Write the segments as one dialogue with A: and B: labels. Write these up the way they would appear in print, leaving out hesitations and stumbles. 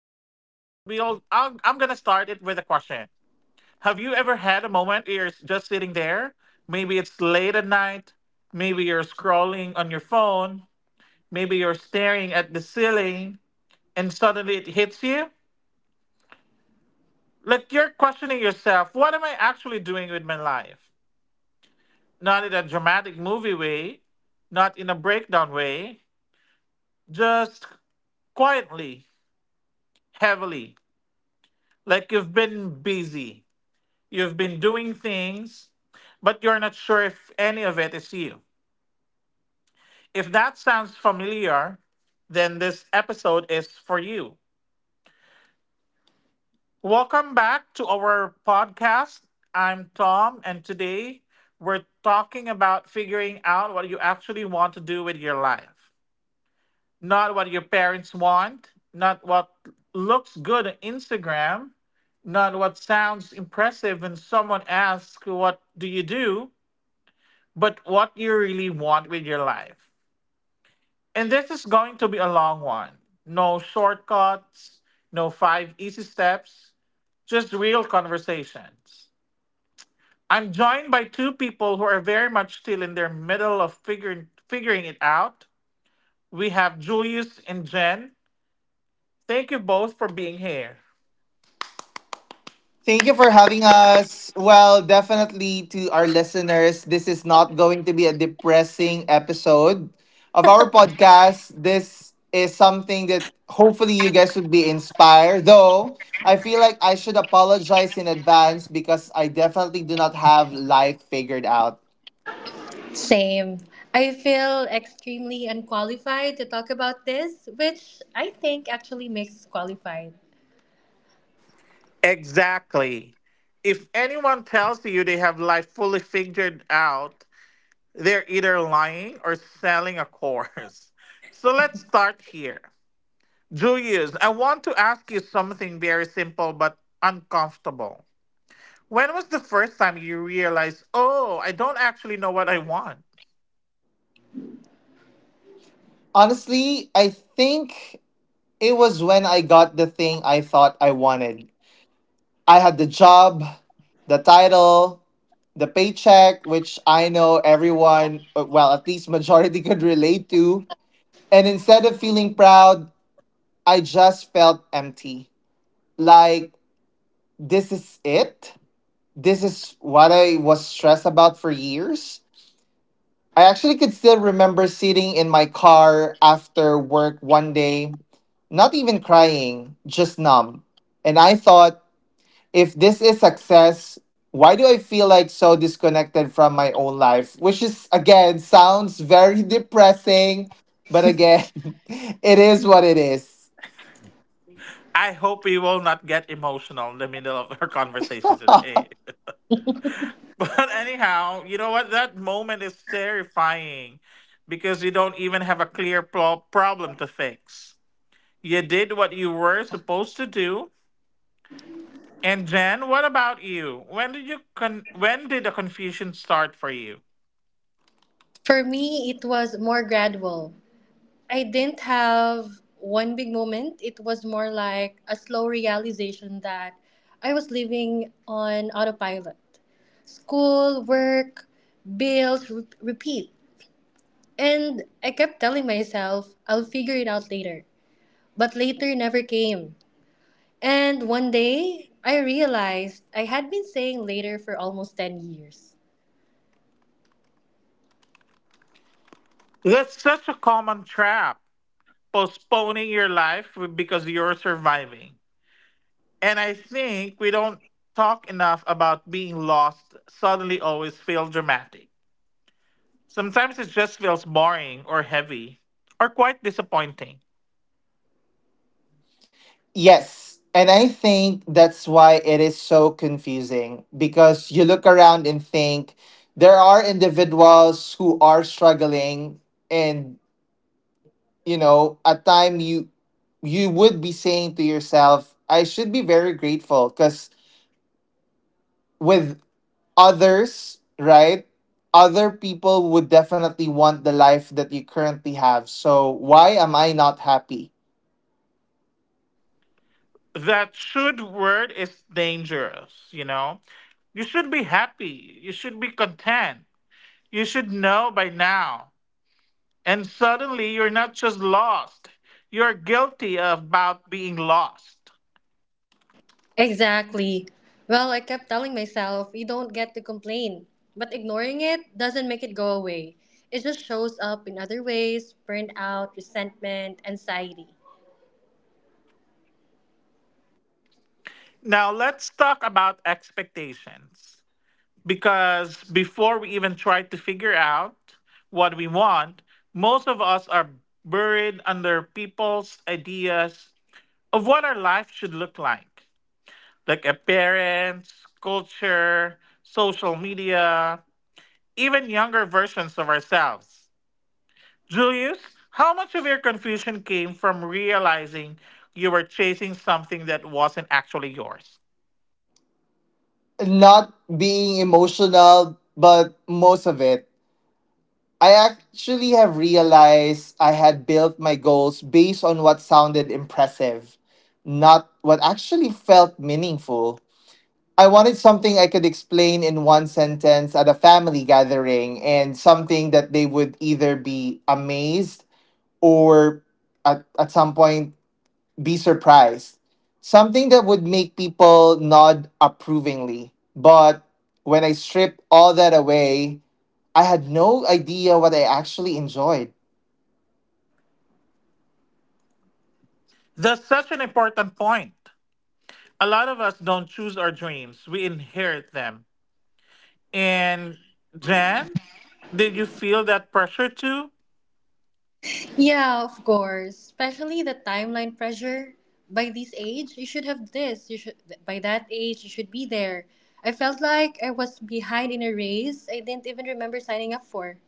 A: question. Have you ever had a moment where you're just sitting there? Maybe it's late at night. Maybe you're scrolling on your phone. Maybe you're staring at the ceiling, and suddenly it hits you. Like you're questioning yourself, what am I actually doing with my life? Not in a dramatic movie way, not in a breakdown way, just quietly, heavily. Like you've been busy, you've been doing things, but you're not sure if any of it is you. If that sounds familiar, then this episode is for you. Welcome back to our podcast. I'm Tom, and today we're talking about figuring out what you actually want to do with your life. Not what your parents want, not what looks good on Instagram, not what sounds impressive when someone asks, "What do you do?" but what you really want with your life. And this is going to be a long one. No shortcuts, no five easy steps, just real conversations. I'm joined by two people who are very much still in their middle of figuring it out. We have Julius and Jen. Thank you both for being here.
B: Thank you for having us. Well, definitely to our listeners, this is not going to be a depressing episode of our podcast. This is something that hopefully you guys would be inspired. Though, I feel like I should apologize in advance because I definitely do not have life figured out.
C: Same. I feel extremely unqualified to talk about this, which I think actually makes us qualified.
A: Exactly. If anyone tells you they have life fully figured out, they're either lying or selling a course. So let's start here. Julius, I want to ask you something very simple but uncomfortable. When was the first time you realized, oh, I don't actually know what I want?
B: Honestly, I think it was when I got the thing I thought I wanted. I had the job, the title, the paycheck, which I know everyone, well, at least majority could relate to. And instead of feeling proud, I just felt empty. Like, this is it. This is what I was stressed about for years. I actually could still remember sitting in my car after work one day, not even crying, just numb. And I thought, if this is success, why do I feel like so disconnected from my own life? Which is, again, sounds very depressing, but again, it is what it is.
A: I hope we will not get emotional in the middle of our conversation today. But anyhow, you know what? That moment is terrifying because you don't even have a clear problem to fix. You did what you were supposed to do. And Jen, what about you? When did the confusion start for you?
C: For me, it was more gradual. I didn't have one big moment. It was more like a slow realization that I was living on autopilot. School, work, bills, repeat. And I kept telling myself, I'll figure it out later. But later never came. And one day, I realized I had been saying later for almost 10 years.
A: That's such a common trap, postponing your life because you're surviving. And I think we don't talk enough about being lost suddenly always feel dramatic. Sometimes it just feels boring or heavy or quite disappointing.
B: Yes. And I think that's why it is so confusing because you look around and think there are individuals who are struggling, and you know, at time you would be saying to yourself, I should be very grateful, cuz with others, right? Other people would definitely want the life that you currently have. So why am I not happy?
A: That should word is dangerous, you know? You should be happy. You should be content. You should know by now. And suddenly you're not just lost, you're guilty about being lost.
C: Exactly. Well, I kept telling myself, you don't get to complain. But ignoring it doesn't make it go away. It just shows up in other ways, burnout, resentment, anxiety.
A: Now let's talk about expectations, because before we even try to figure out what we want, most of us are buried under people's ideas of what our life should look like appearance, culture, social media, even younger versions of ourselves. Julius, how much of your confusion came from realizing you were chasing something that wasn't actually yours?
B: Not being emotional, but most of it. I actually have realized I had built my goals based on what sounded impressive, not what actually felt meaningful. I wanted something I could explain in one sentence at a family gathering, and something that they would either be amazed or, at some point, be surprised. Something that would make people nod approvingly. But when I stripped all that away, I had no idea what I actually enjoyed.
A: That's such an important point. A lot of us don't choose our dreams, we inherit them. And Jan, did you feel that pressure too?
C: Yeah, of course. Especially the timeline pressure. By this age, you should have this. You should, by that age, you should be there. I felt like I was behind in a race I didn't even remember signing up for.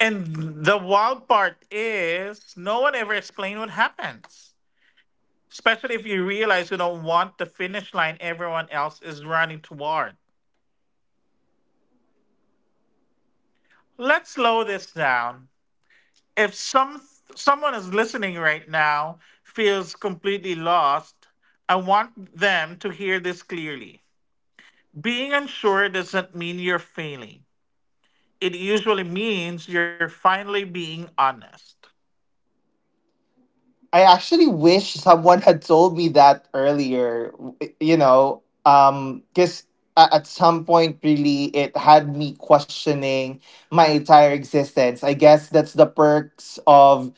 A: And the wild part is no one ever explains what happens, especially if you realize you don't want the finish line everyone else is running toward. Let's slow this down. If someone is listening right now feels completely lost, I want them to hear this clearly. Being unsure doesn't mean you're failing. It usually means you're finally being honest.
B: I actually wish someone had told me that earlier, you know, because at some point, really, it had me questioning my entire existence. I guess that's the perks of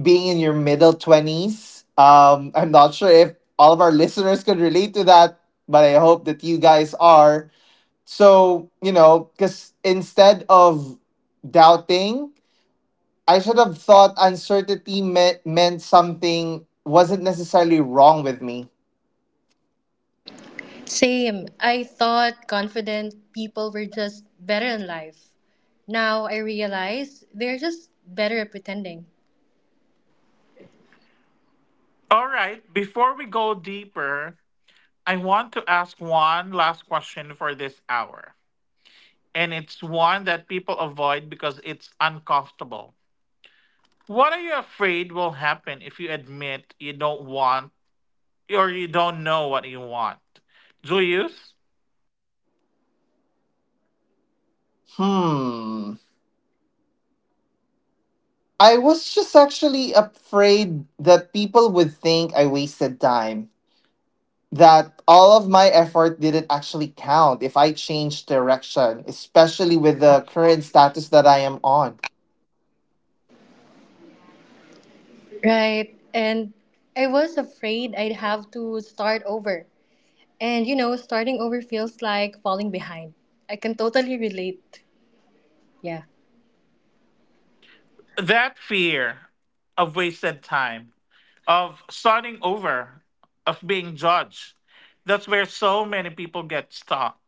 B: being in your middle twenties. I'm not sure if all of our listeners could relate to that, but I hope that you guys are. So, you know, because instead of doubting, I should have thought uncertainty meant something wasn't necessarily wrong with me.
C: Same. I thought confident people were just better in life. Now I realize they're just better at pretending.
A: All right, before we go deeper, I want to ask one last question for this hour. And it's one that people avoid because it's uncomfortable. What are you afraid will happen if you admit you don't want or you don't know what you want? Julius,
B: Hmm. I was just actually afraid that people would think I wasted time, that all of my effort didn't actually count if I changed direction, especially with the current status that I am on.
C: Right. And I was afraid I'd have to start over. And you know, starting over feels like falling behind. I can totally relate. Yeah.
A: that fear of wasted time, of starting over, of being judged. That's where so many people get stuck.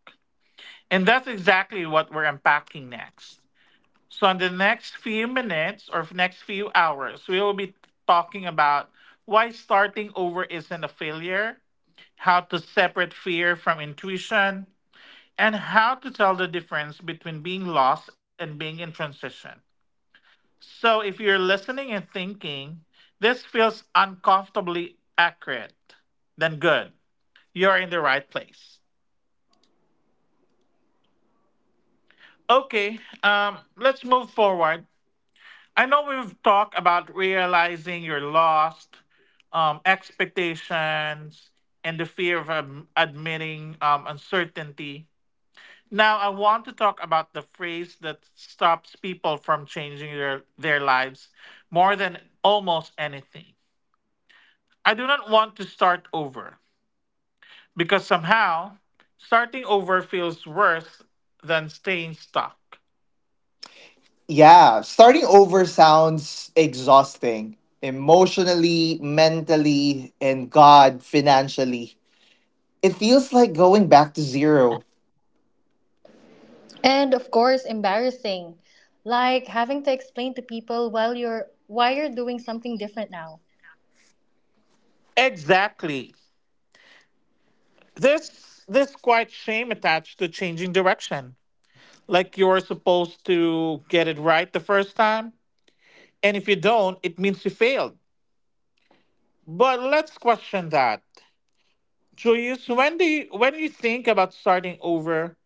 A: And that's exactly what we're unpacking next. So, in the next few minutes or next few hours, we will be talking about why starting over isn't a failure, how to separate fear from intuition, and how to tell the difference between being lost and being in transition. So if you're listening and thinking, this feels uncomfortably accurate, then good. You're in the right place. Okay, let's move forward. I know we've talked about realizing you're lost, expectations, and the fear of admitting uncertainty. Now, I want to talk about the phrase that stops people from changing their lives more than almost anything. I do not want to start over, because somehow starting over feels worse than staying stuck.
B: Yeah, starting over sounds exhausting emotionally, mentally, and God, financially. It feels like going back to zero.
C: And of course, embarrassing. Like having to explain to people while you're, why you're doing something different now.
A: Exactly. This quite shame attached to changing direction. Like you're supposed to get it right the first time, and if you don't, it means you failed. But let's question that. Julius, when you think about starting over,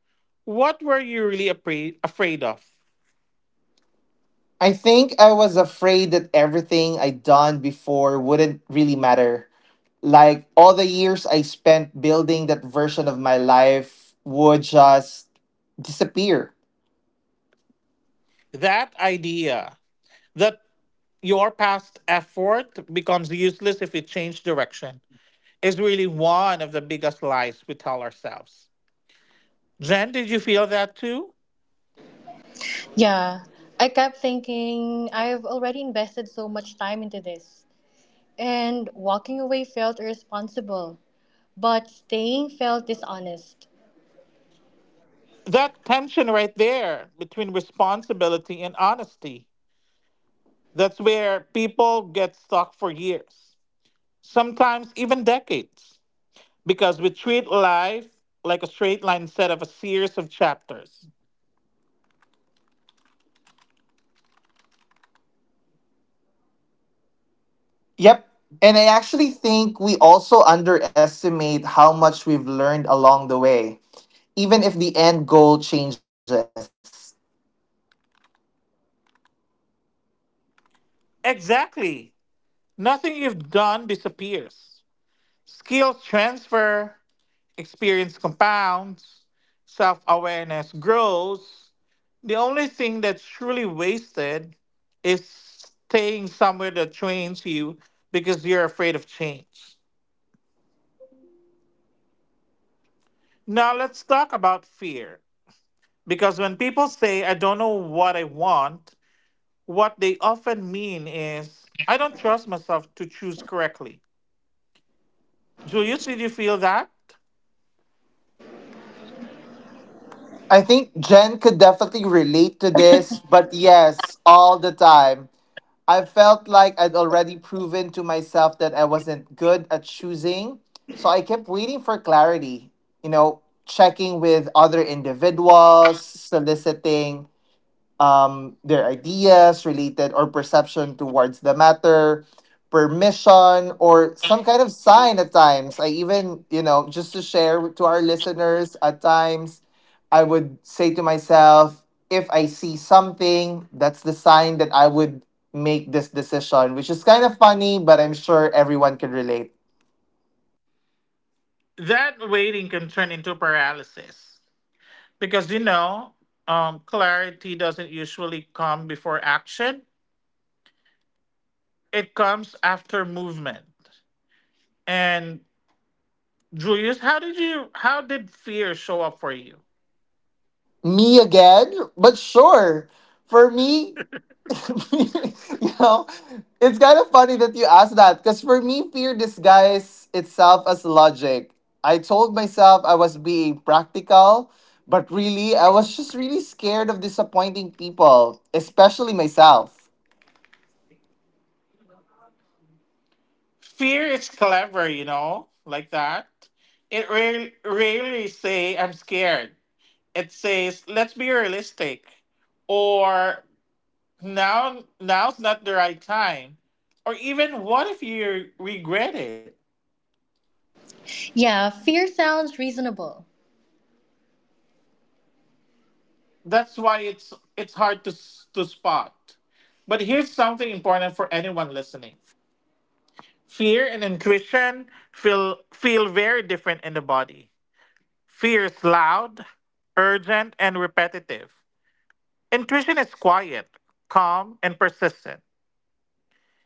A: what were you really afraid of?
B: I think I was afraid that everything I'd done before wouldn't really matter. Like all the years I spent building that version of my life would just disappear.
A: That idea, that your past effort becomes useless if you change direction, is really one of the biggest lies we tell ourselves. Jen, did you feel that too?
C: Yeah, I kept thinking I've already invested so much time into this, and walking away felt irresponsible, but staying felt dishonest.
A: That tension right there between responsibility and honesty. That's where people get stuck for years, sometimes even decades, because we treat life like a straight line set of a series of chapters.
B: Yep. And I actually think we also underestimate how much we've learned along the way, even if the end goal changes.
A: Exactly. Nothing you've done disappears. Skills transfer, experience compounds, self awareness grows. The only thing that's truly wasted is staying somewhere that trains you because you're afraid of change. Now, let's talk about fear. Because when people say, I don't know what I want, what they often mean is, I don't trust myself to choose correctly. Julius, did you feel that?
B: I think Jen could definitely relate to this, but yes, all the time. I felt like I'd already proven to myself that I wasn't good at choosing, so I kept waiting for clarity, you know, checking with other individuals, soliciting their ideas related or perception towards the matter, permission, or some kind of sign at times. I even, you know, just to share to our listeners, at times I would say to myself, if I see something, that's the sign that I would make this decision, which is kind of funny, but I'm sure everyone can relate.
A: That waiting can turn into paralysis, because you know, clarity doesn't usually come before action, it comes after movement. And Julius, how did fear show up for you?
B: Me again, but sure. For me, you know, it's kind of funny that you asked that, because for me, fear disguised itself as logic. I told myself I was being practical, but really, I was just really scared of disappointing people, especially myself.
A: Fear is clever, you know, like that. It rarely say I'm scared. It says, let's be realistic, or now's not the right time, or even what if you regret it.
C: Yeah, fear sounds reasonable.
A: That's why it's hard to to spot. But here's something important for anyone listening. Fear and intuition feel very different in the body. Fear is loud, urgent, and repetitive. Intuition is quiet, calm, and persistent.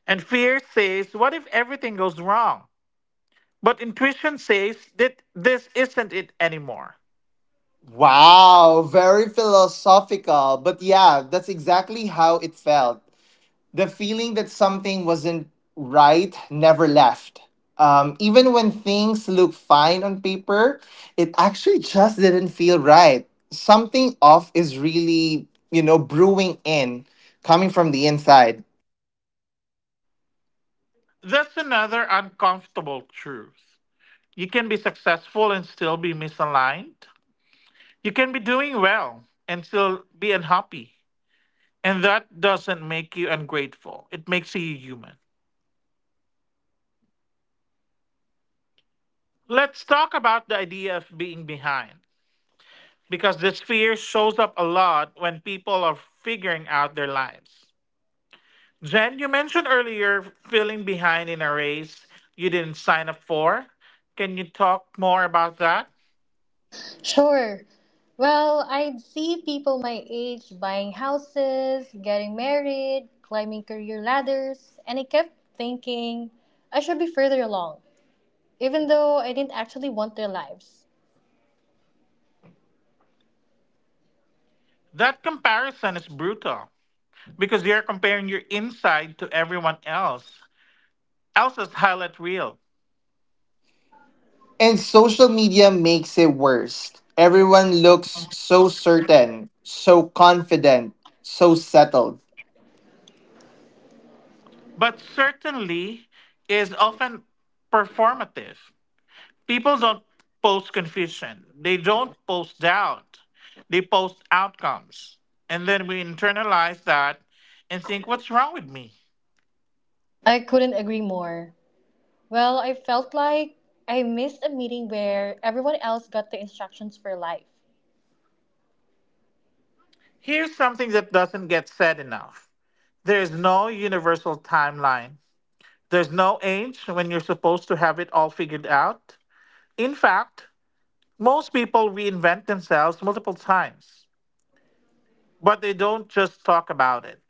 A: And fear says, what if everything goes wrong? But intuition says that this isn't it anymore.
B: Wow, very philosophical. But yeah, that's exactly how it felt. The feeling that something wasn't right never left. Even when things look fine on paper, it actually just didn't feel right. Something off is really, you know, brewing in, coming from the inside.
A: That's another uncomfortable truth. You can be successful and still be misaligned. You can be doing well and still be unhappy. And that doesn't make you ungrateful, it makes you human. Let's talk about the idea of being behind, because this fear shows up a lot when people are figuring out their lives. Jen, you mentioned earlier feeling behind in a race you didn't sign up for. Can you talk more about that?
C: Sure. Well, I'd see people my age buying houses, getting married, climbing career ladders, and I kept thinking I should be further along, even though I didn't actually want their lives.
A: That comparison is brutal because you're comparing your inside to everyone else's highlight reel.
B: And social media makes it worse. Everyone looks so certain, so confident, so settled.
A: But certainly is often performative. People don't post confusion, they don't post doubt, they post outcomes. And then we internalize that and think, what's wrong with me?
C: I couldn't agree more. Well, I felt like I missed a meeting where everyone else got the instructions for life.
A: Here's something that doesn't get said enough. There's no universal timeline, there's no age when you're supposed to have it all figured out. In fact, most people reinvent themselves multiple times, but they don't just talk about it.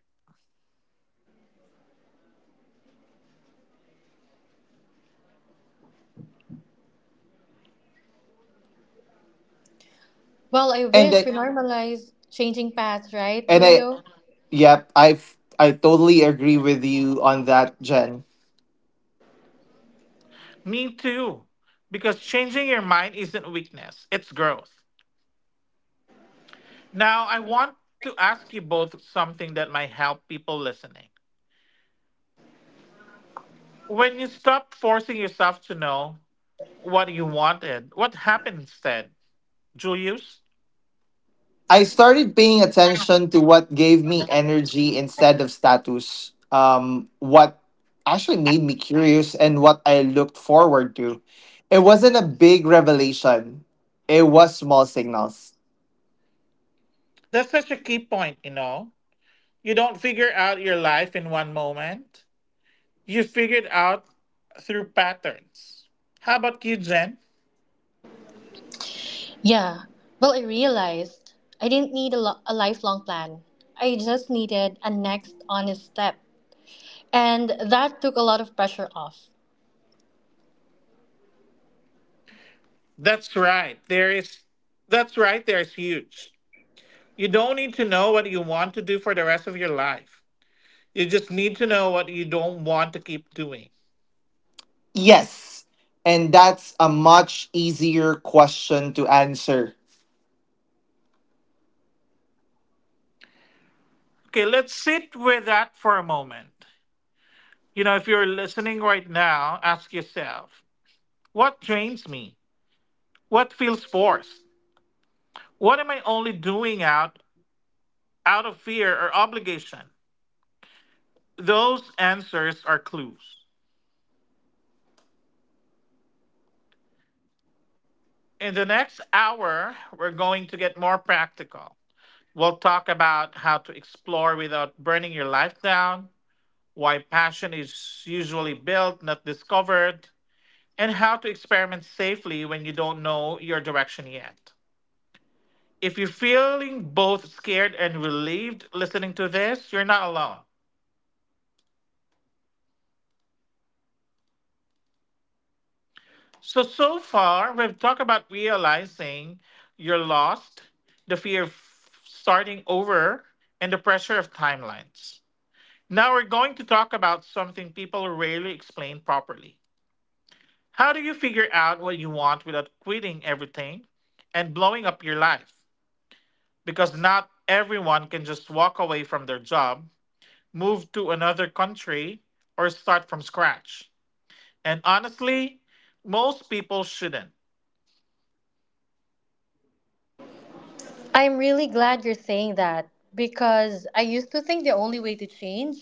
C: Well, I
B: And
C: wish
B: I,
C: we normalized changing paths, right,
B: and I,
C: Julio?
B: yep, I totally agree with you on that, Jen.
A: Me too. Because changing your mind isn't weakness, it's growth. Now, I want to ask you both something that might help people listening. When you stopped forcing yourself to know what you wanted, what happened instead? Julius?
B: I started paying attention to what gave me energy instead of status. What actually made me curious and what I looked forward to. It wasn't a big revelation. It was small signals.
A: That's such a key point, you know? You don't figure out your life in one moment, you figure it out through patterns. How about you, Jen?
C: Yeah. Well, I realized I didn't need a, a lifelong plan. I just needed a next honest step. And that took a lot of pressure off.
A: That's right. There is that's right, there's huge. You don't need to know what you want to do for the rest of your life. You just need to know what you don't want to keep doing.
B: Yes. And that's a much easier question to answer.
A: Okay, let's sit with that for a moment. You know, if you're listening right now, ask yourself, what drains me? What feels forced? What am I only out of fear or obligation? Those answers are clues. In the next hour, we're going to get more practical. We'll talk about how to explore without burning your life down, why passion is usually built, not discovered, and how to experiment safely when you don't know your direction yet. If you're feeling both scared and relieved listening to this, you're not alone. So, so far, we've talked about realizing you're lost, the fear of starting over, and the pressure of timelines. Now, we're going to talk about something people rarely explain properly. How do you figure out what you want without quitting everything and blowing up your life? Because not everyone can just walk away from their job, move to another country, or start from scratch. And honestly, most people shouldn't.
C: I'm really glad you're saying that because I used to think the only way to change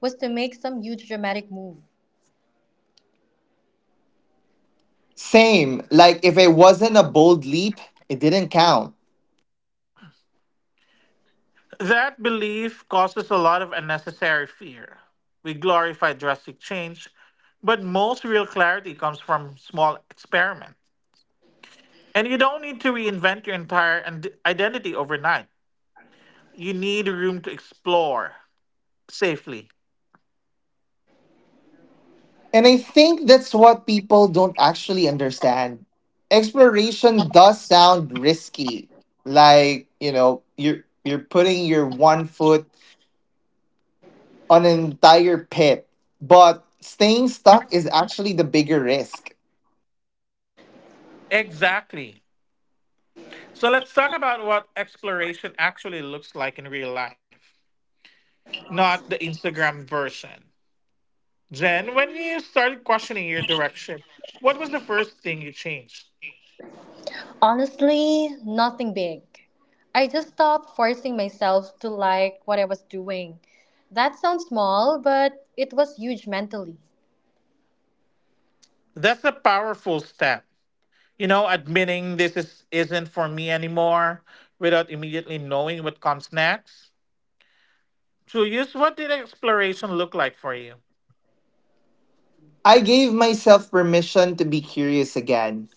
C: was to make some huge dramatic move.
B: Same. Like if it wasn't a bold leap, it didn't count.
A: That belief causes a lot of unnecessary fear. We glorify drastic change, but most real clarity comes from small experiments. And you don't need to reinvent your entire identity overnight. You need room to explore safely.
B: And I think that's what people don't actually understand. Exploration does sound risky. Like, you know, you're putting your one foot on an entire pit, but staying stuck is actually the bigger risk.
A: Exactly. So let's talk about what exploration actually looks like in real life, not the Instagram version. Jen, when you started questioning your direction, what was the first thing you changed?
C: Honestly, nothing big. I just stopped forcing myself to like what I was doing. That sounds small, but it was huge mentally.
A: That's a powerful step. You know, admitting isn't for me anymore without immediately knowing what comes next. Julius, what did exploration look like for you?
B: I gave myself permission to be curious again.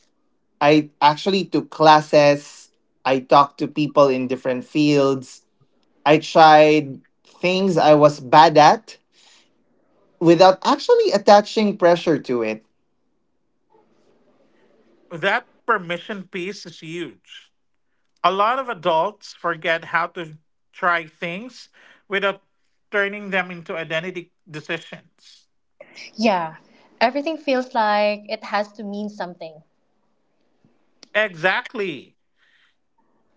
B: I actually took classes, I talked to people in different fields, I tried things I was bad at without actually attaching pressure to it.
A: That permission piece is huge. A lot of adults forget how to try things without turning them into identity decisions.
C: Yeah, everything feels like it has to mean something.
A: Exactly.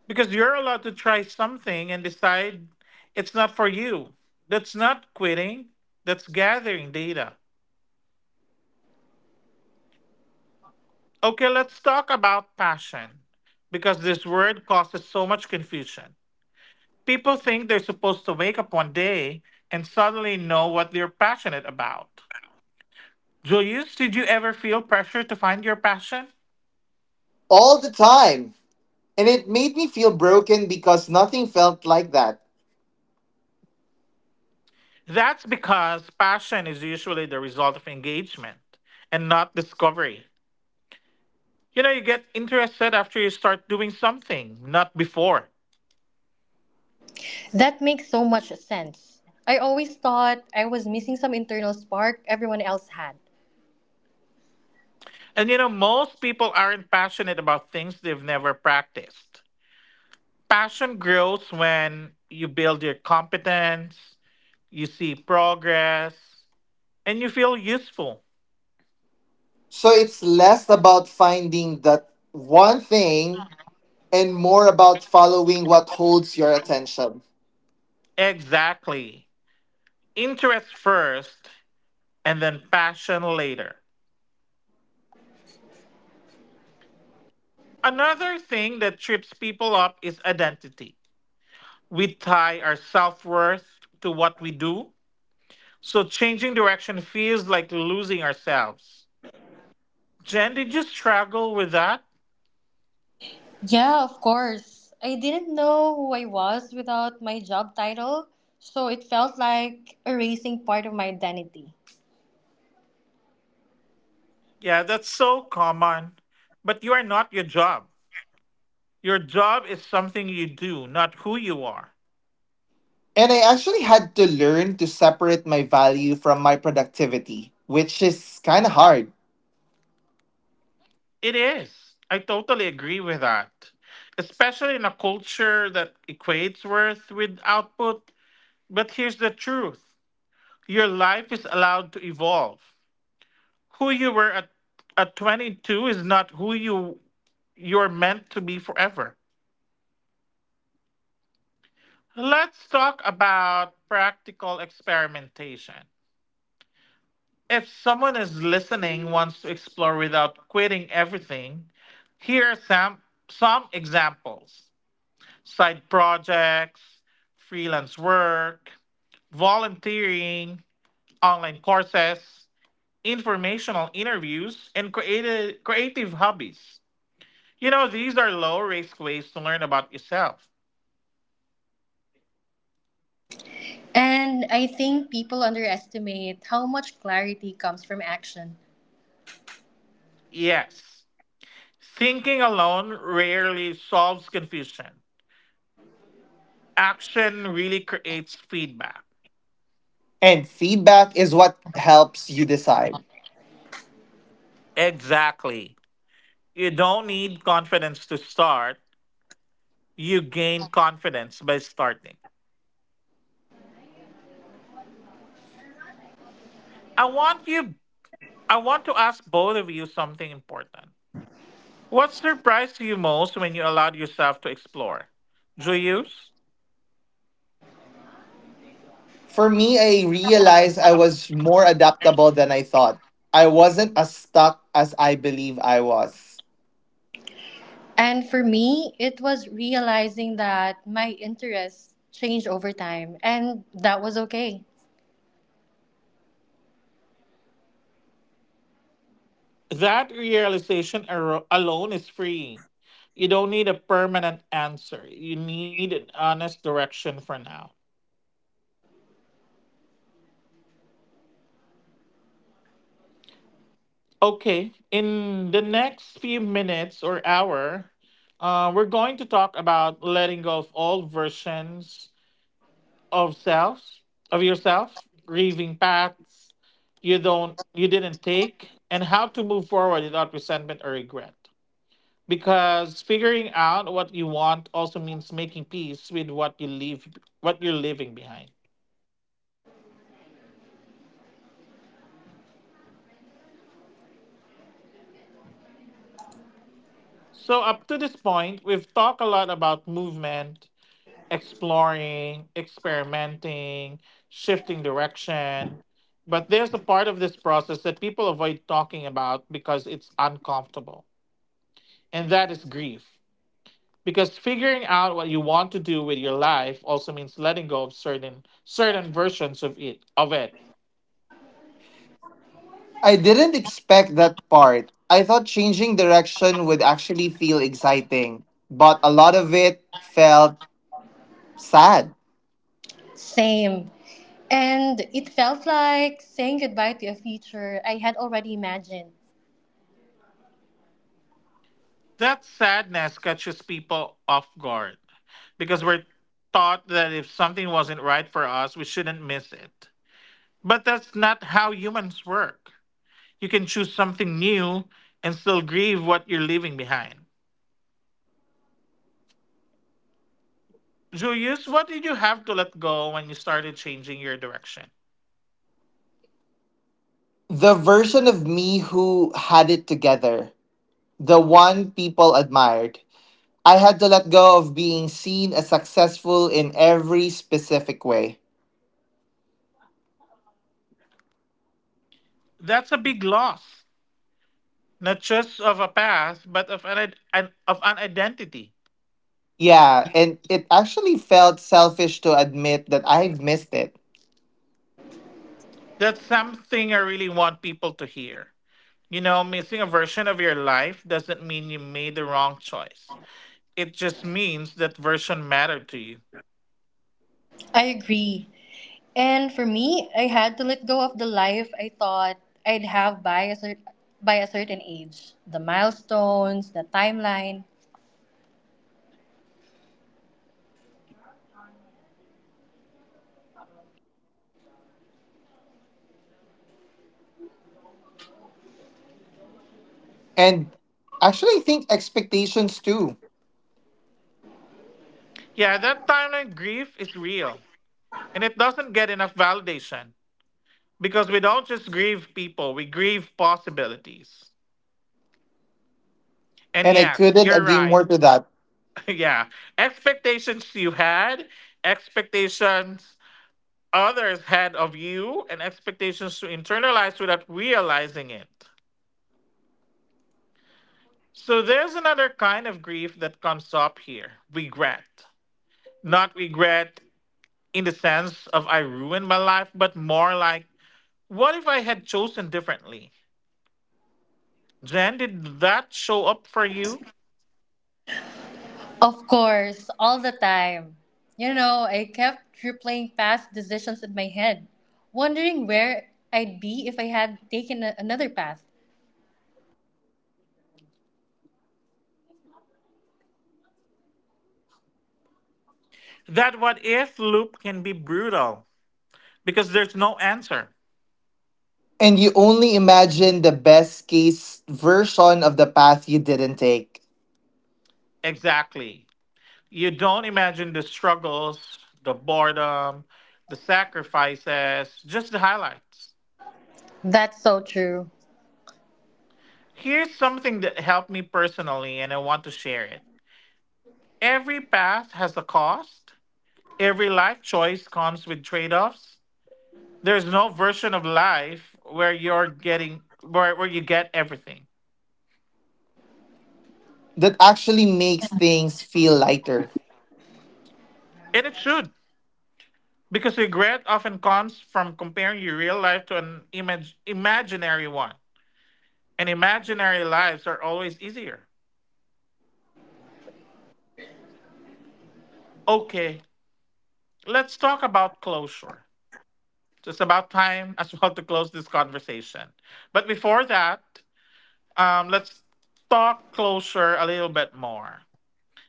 A: Because you're allowed to try something and decide it's not for you. That's not quitting, that's gathering data. Okay, let's talk about passion because this word causes so much confusion. People think they're supposed to wake up one day and suddenly know what they're passionate about. Julius, did you ever feel pressure to find your passion?
B: All the time. And it made me feel broken because nothing felt like that.
A: That's because passion is usually the result of engagement and not discovery. You know, you get interested after you start doing something, not before.
C: That makes so much sense. I always thought I was missing some internal spark everyone else had.
A: And you know, most people aren't passionate about things they've never practiced. Passion grows when you build your competence, you see progress, and you feel useful.
B: So it's less about finding that one thing and more about following what holds your attention.
A: Exactly. Interest first and then passion later. Another thing that trips people up is identity. We tie our self worth to what we do, so changing direction feels like losing ourselves. Jen, did you struggle with that?
C: Yeah, of course. I didn't know who I was without my job title, so it felt like erasing part of my identity.
A: Yeah, that's so common. But you are not your job. Your job is something you do, not who you are.
B: And I actually had to learn to separate my value from my productivity, which is kind of hard.
A: It is. I totally agree with that. Especially in a culture that equates worth with output. But here's the truth. Your life is allowed to evolve. Who you were at 22 is not who you're meant to be forever. Let's talk about practical experimentation. If someone is listening wants to explore without quitting everything, here are some examples. Side projects, freelance work, volunteering, online courses, informational interviews, and creative hobbies. You know, these are low risk ways to learn about yourself.
C: And I think people underestimate how much clarity comes from action.
A: Yes, thinking alone rarely solves confusion. Action really creates feedback.
B: And feedback is what helps you decide.
A: Exactly. You don't need confidence to start, you gain confidence by starting. I want you I want to ask both of you something important. What surprised you most when you allowed yourself to explore? Julius?
B: For me, I realized I was more adaptable than I thought. I wasn't as stuck as I believe I was.
C: And for me, it was realizing that my interests changed over time, and that was okay.
A: That alone is free. You don't need a permanent answer. You need an honest direction for now. Okay, in the next few minutes or hour, we're going to talk about letting go of all versions of self, of yourself, grieving paths you didn't take, and how to move forward without resentment or regret. Because figuring out what you want also means making peace with what you leave, what you're leaving behind. So up to this point we've talked a lot about movement, exploring, experimenting, shifting direction, but there's a part of this process that people avoid talking about because it's uncomfortable, and that is grief. Because figuring out what you want to do with your life also means letting go of certain versions of it.
B: I didn't expect that part. I thought changing direction would actually feel exciting, but a lot of it felt sad.
C: Same. And it felt like saying goodbye to a future I had already imagined.
A: That sadness catches people off guard because we're taught that if something wasn't right for us, we shouldn't miss it. But that's not how humans work. You can choose something new and still grieve what you're leaving behind. Julius, what did you have to let go when you started changing your direction?
B: The version of me who had it together, the one people admired. I had to let go of being seen as successful in every specific way.
A: That's a big loss, not just of a path, but of an, id- an of an identity.
B: Yeah, and it actually felt selfish to admit that I've missed it.
A: That's something I really want people to hear. You know, missing a version of your life doesn't mean you made the wrong choice. It just means that version mattered to you.
C: I agree. And for me, I had to let go of the life I thought I'd have by a, by a certain age, the milestones, the timeline.
B: And actually, I think expectations too.
A: Yeah, that timeline grief is real, and it doesn't get enough validation because we don't just grieve people, we grieve possibilities. And
B: And I
A: yes,
B: couldn't
A: you're
B: agree
A: right.
B: more to that.
A: Yeah, expectations you had, expectations others had of you, and expectations to internalize without realizing it. So there's another kind of grief that comes up here, regret. Not regret in the sense of I ruined my life, but more like, what if I had chosen differently? Jen, did that show up for you?
C: Of course, all the time. You know, I kept replaying past decisions in my head, wondering where I'd be if I had taken another path.
A: That what if loop can be brutal because there's no answer.
B: And you only imagine the best case version of the path you didn't take.
A: Exactly. You don't imagine the struggles, the boredom, the sacrifices, just the highlights.
C: That's so true.
A: Here's something that helped me personally, and I want to share it. Every path has a cost. Every life choice comes with trade-offs. There's no version of life where where you get everything.
B: That actually makes things feel lighter.
A: And it should. Because regret often comes from comparing your real life to an image imaginary one. And imaginary lives are always easier. Okay, let's talk about closure. It's about time as well to close this conversation. But before that, let's talk closure a little bit more.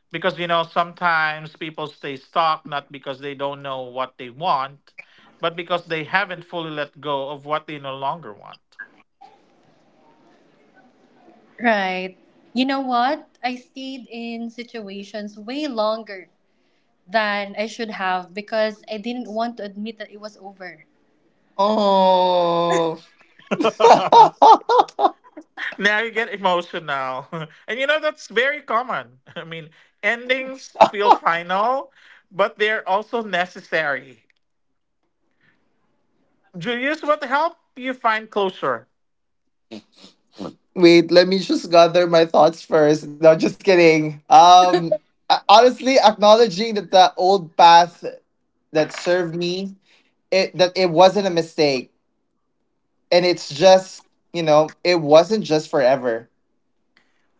A: Because you know sometimes people stay stuck not because they don't know what they want, but because they haven't fully let go of what they no longer want.
C: Right. You know what? I stayed in situations way longer than I should have because I didn't want to admit that it was over.
B: Oh,
A: Now you get emotional and you know that's very common. I mean, endings feel final, but they're also necessary. Do you use what help you find closure?
B: wait, let me just gather my thoughts first. No, just kidding. Honestly, acknowledging that the old path that served me, it that it wasn't a mistake, and it's just, you know, it wasn't just forever.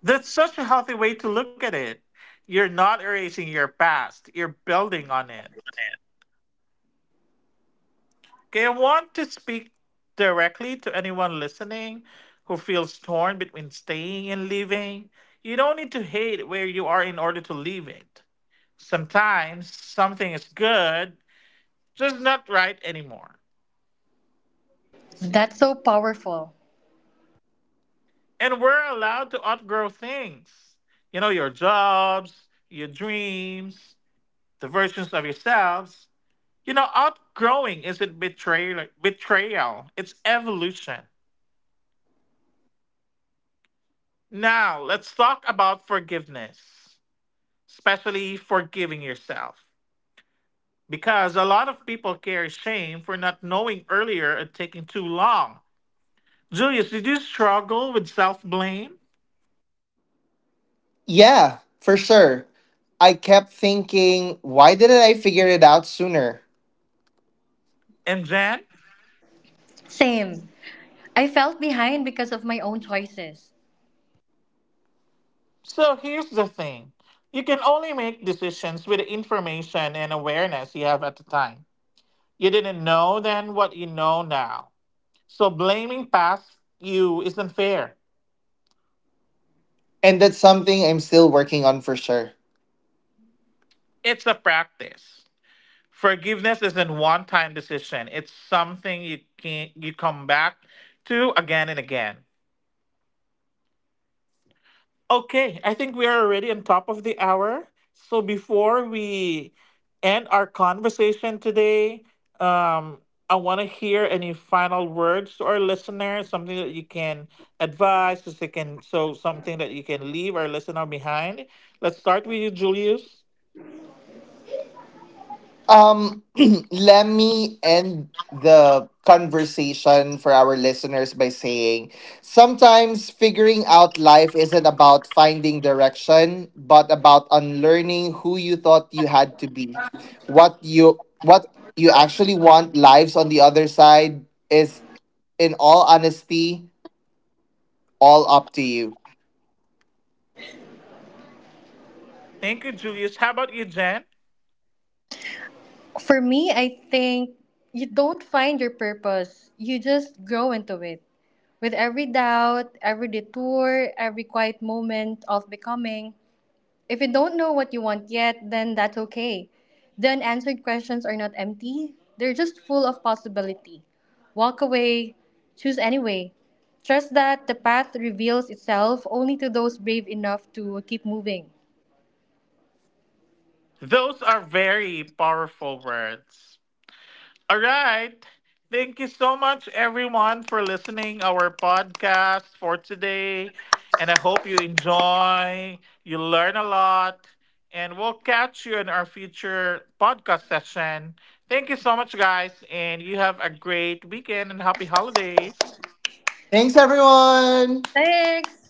A: That's such a healthy way to look at it. You're not erasing your past, you're building on it. Okay, I want to speak directly to anyone listening who feels torn between staying and leaving. You don't need to hate where you are in order to leave it. Sometimes something is good, just not right anymore.
C: That's so powerful.
A: And we're allowed to outgrow things. You know, your jobs, your dreams, the versions of yourselves. You know, outgrowing isn't betrayal, it's evolution. Now, let's talk about forgiveness, especially forgiving yourself. Because a lot of people carry shame for not knowing earlier and taking too long. Julius, did you struggle with self blame?
B: Yeah, for sure. I kept thinking, why didn't I figure it out sooner?
A: And Jen?
C: Same. I felt behind because of my own choices.
A: So here's the thing, you can only make decisions with the information and awareness you have at the time. You didn't know then what you know now. So blaming past you isn't fair,
B: And that's something I'm still working on for sure.
A: it's a practice. Forgiveness isn't one time decision. It's something you can you come back to again and again. Okay, I think we are already on top of the hour. So before we end our conversation today, um, I want to hear any final words to our listeners, something that you can advise, so they can, so something that you can leave our listener behind. Let's start with you, Julius.
B: Um, Let me end the conversation for our listeners by saying sometimes figuring out life isn't about finding direction, but about unlearning who you thought you had to be. What you actually want lives on the other side, is in all honesty all up to you.
A: Thank you, Julius. How about you, Jen?
C: For me, I think you don't find your purpose, you just grow into it. With every doubt, every detour, every quiet moment of becoming. If you don't know what you want yet, then that's okay. The unanswered questions are not empty, they're just full of possibility. Walk away, choose anyway. Trust that the path reveals itself only to those brave enough to keep moving.
A: Those are very powerful words. All right. Thank you so much, everyone, for listening our podcast for today. And I hope you enjoy, you learn a lot, and we'll catch you in our future podcast session. Thank you so much, guys, and you have a great weekend and happy holidays.
B: Thanks everyone.
C: Thanks!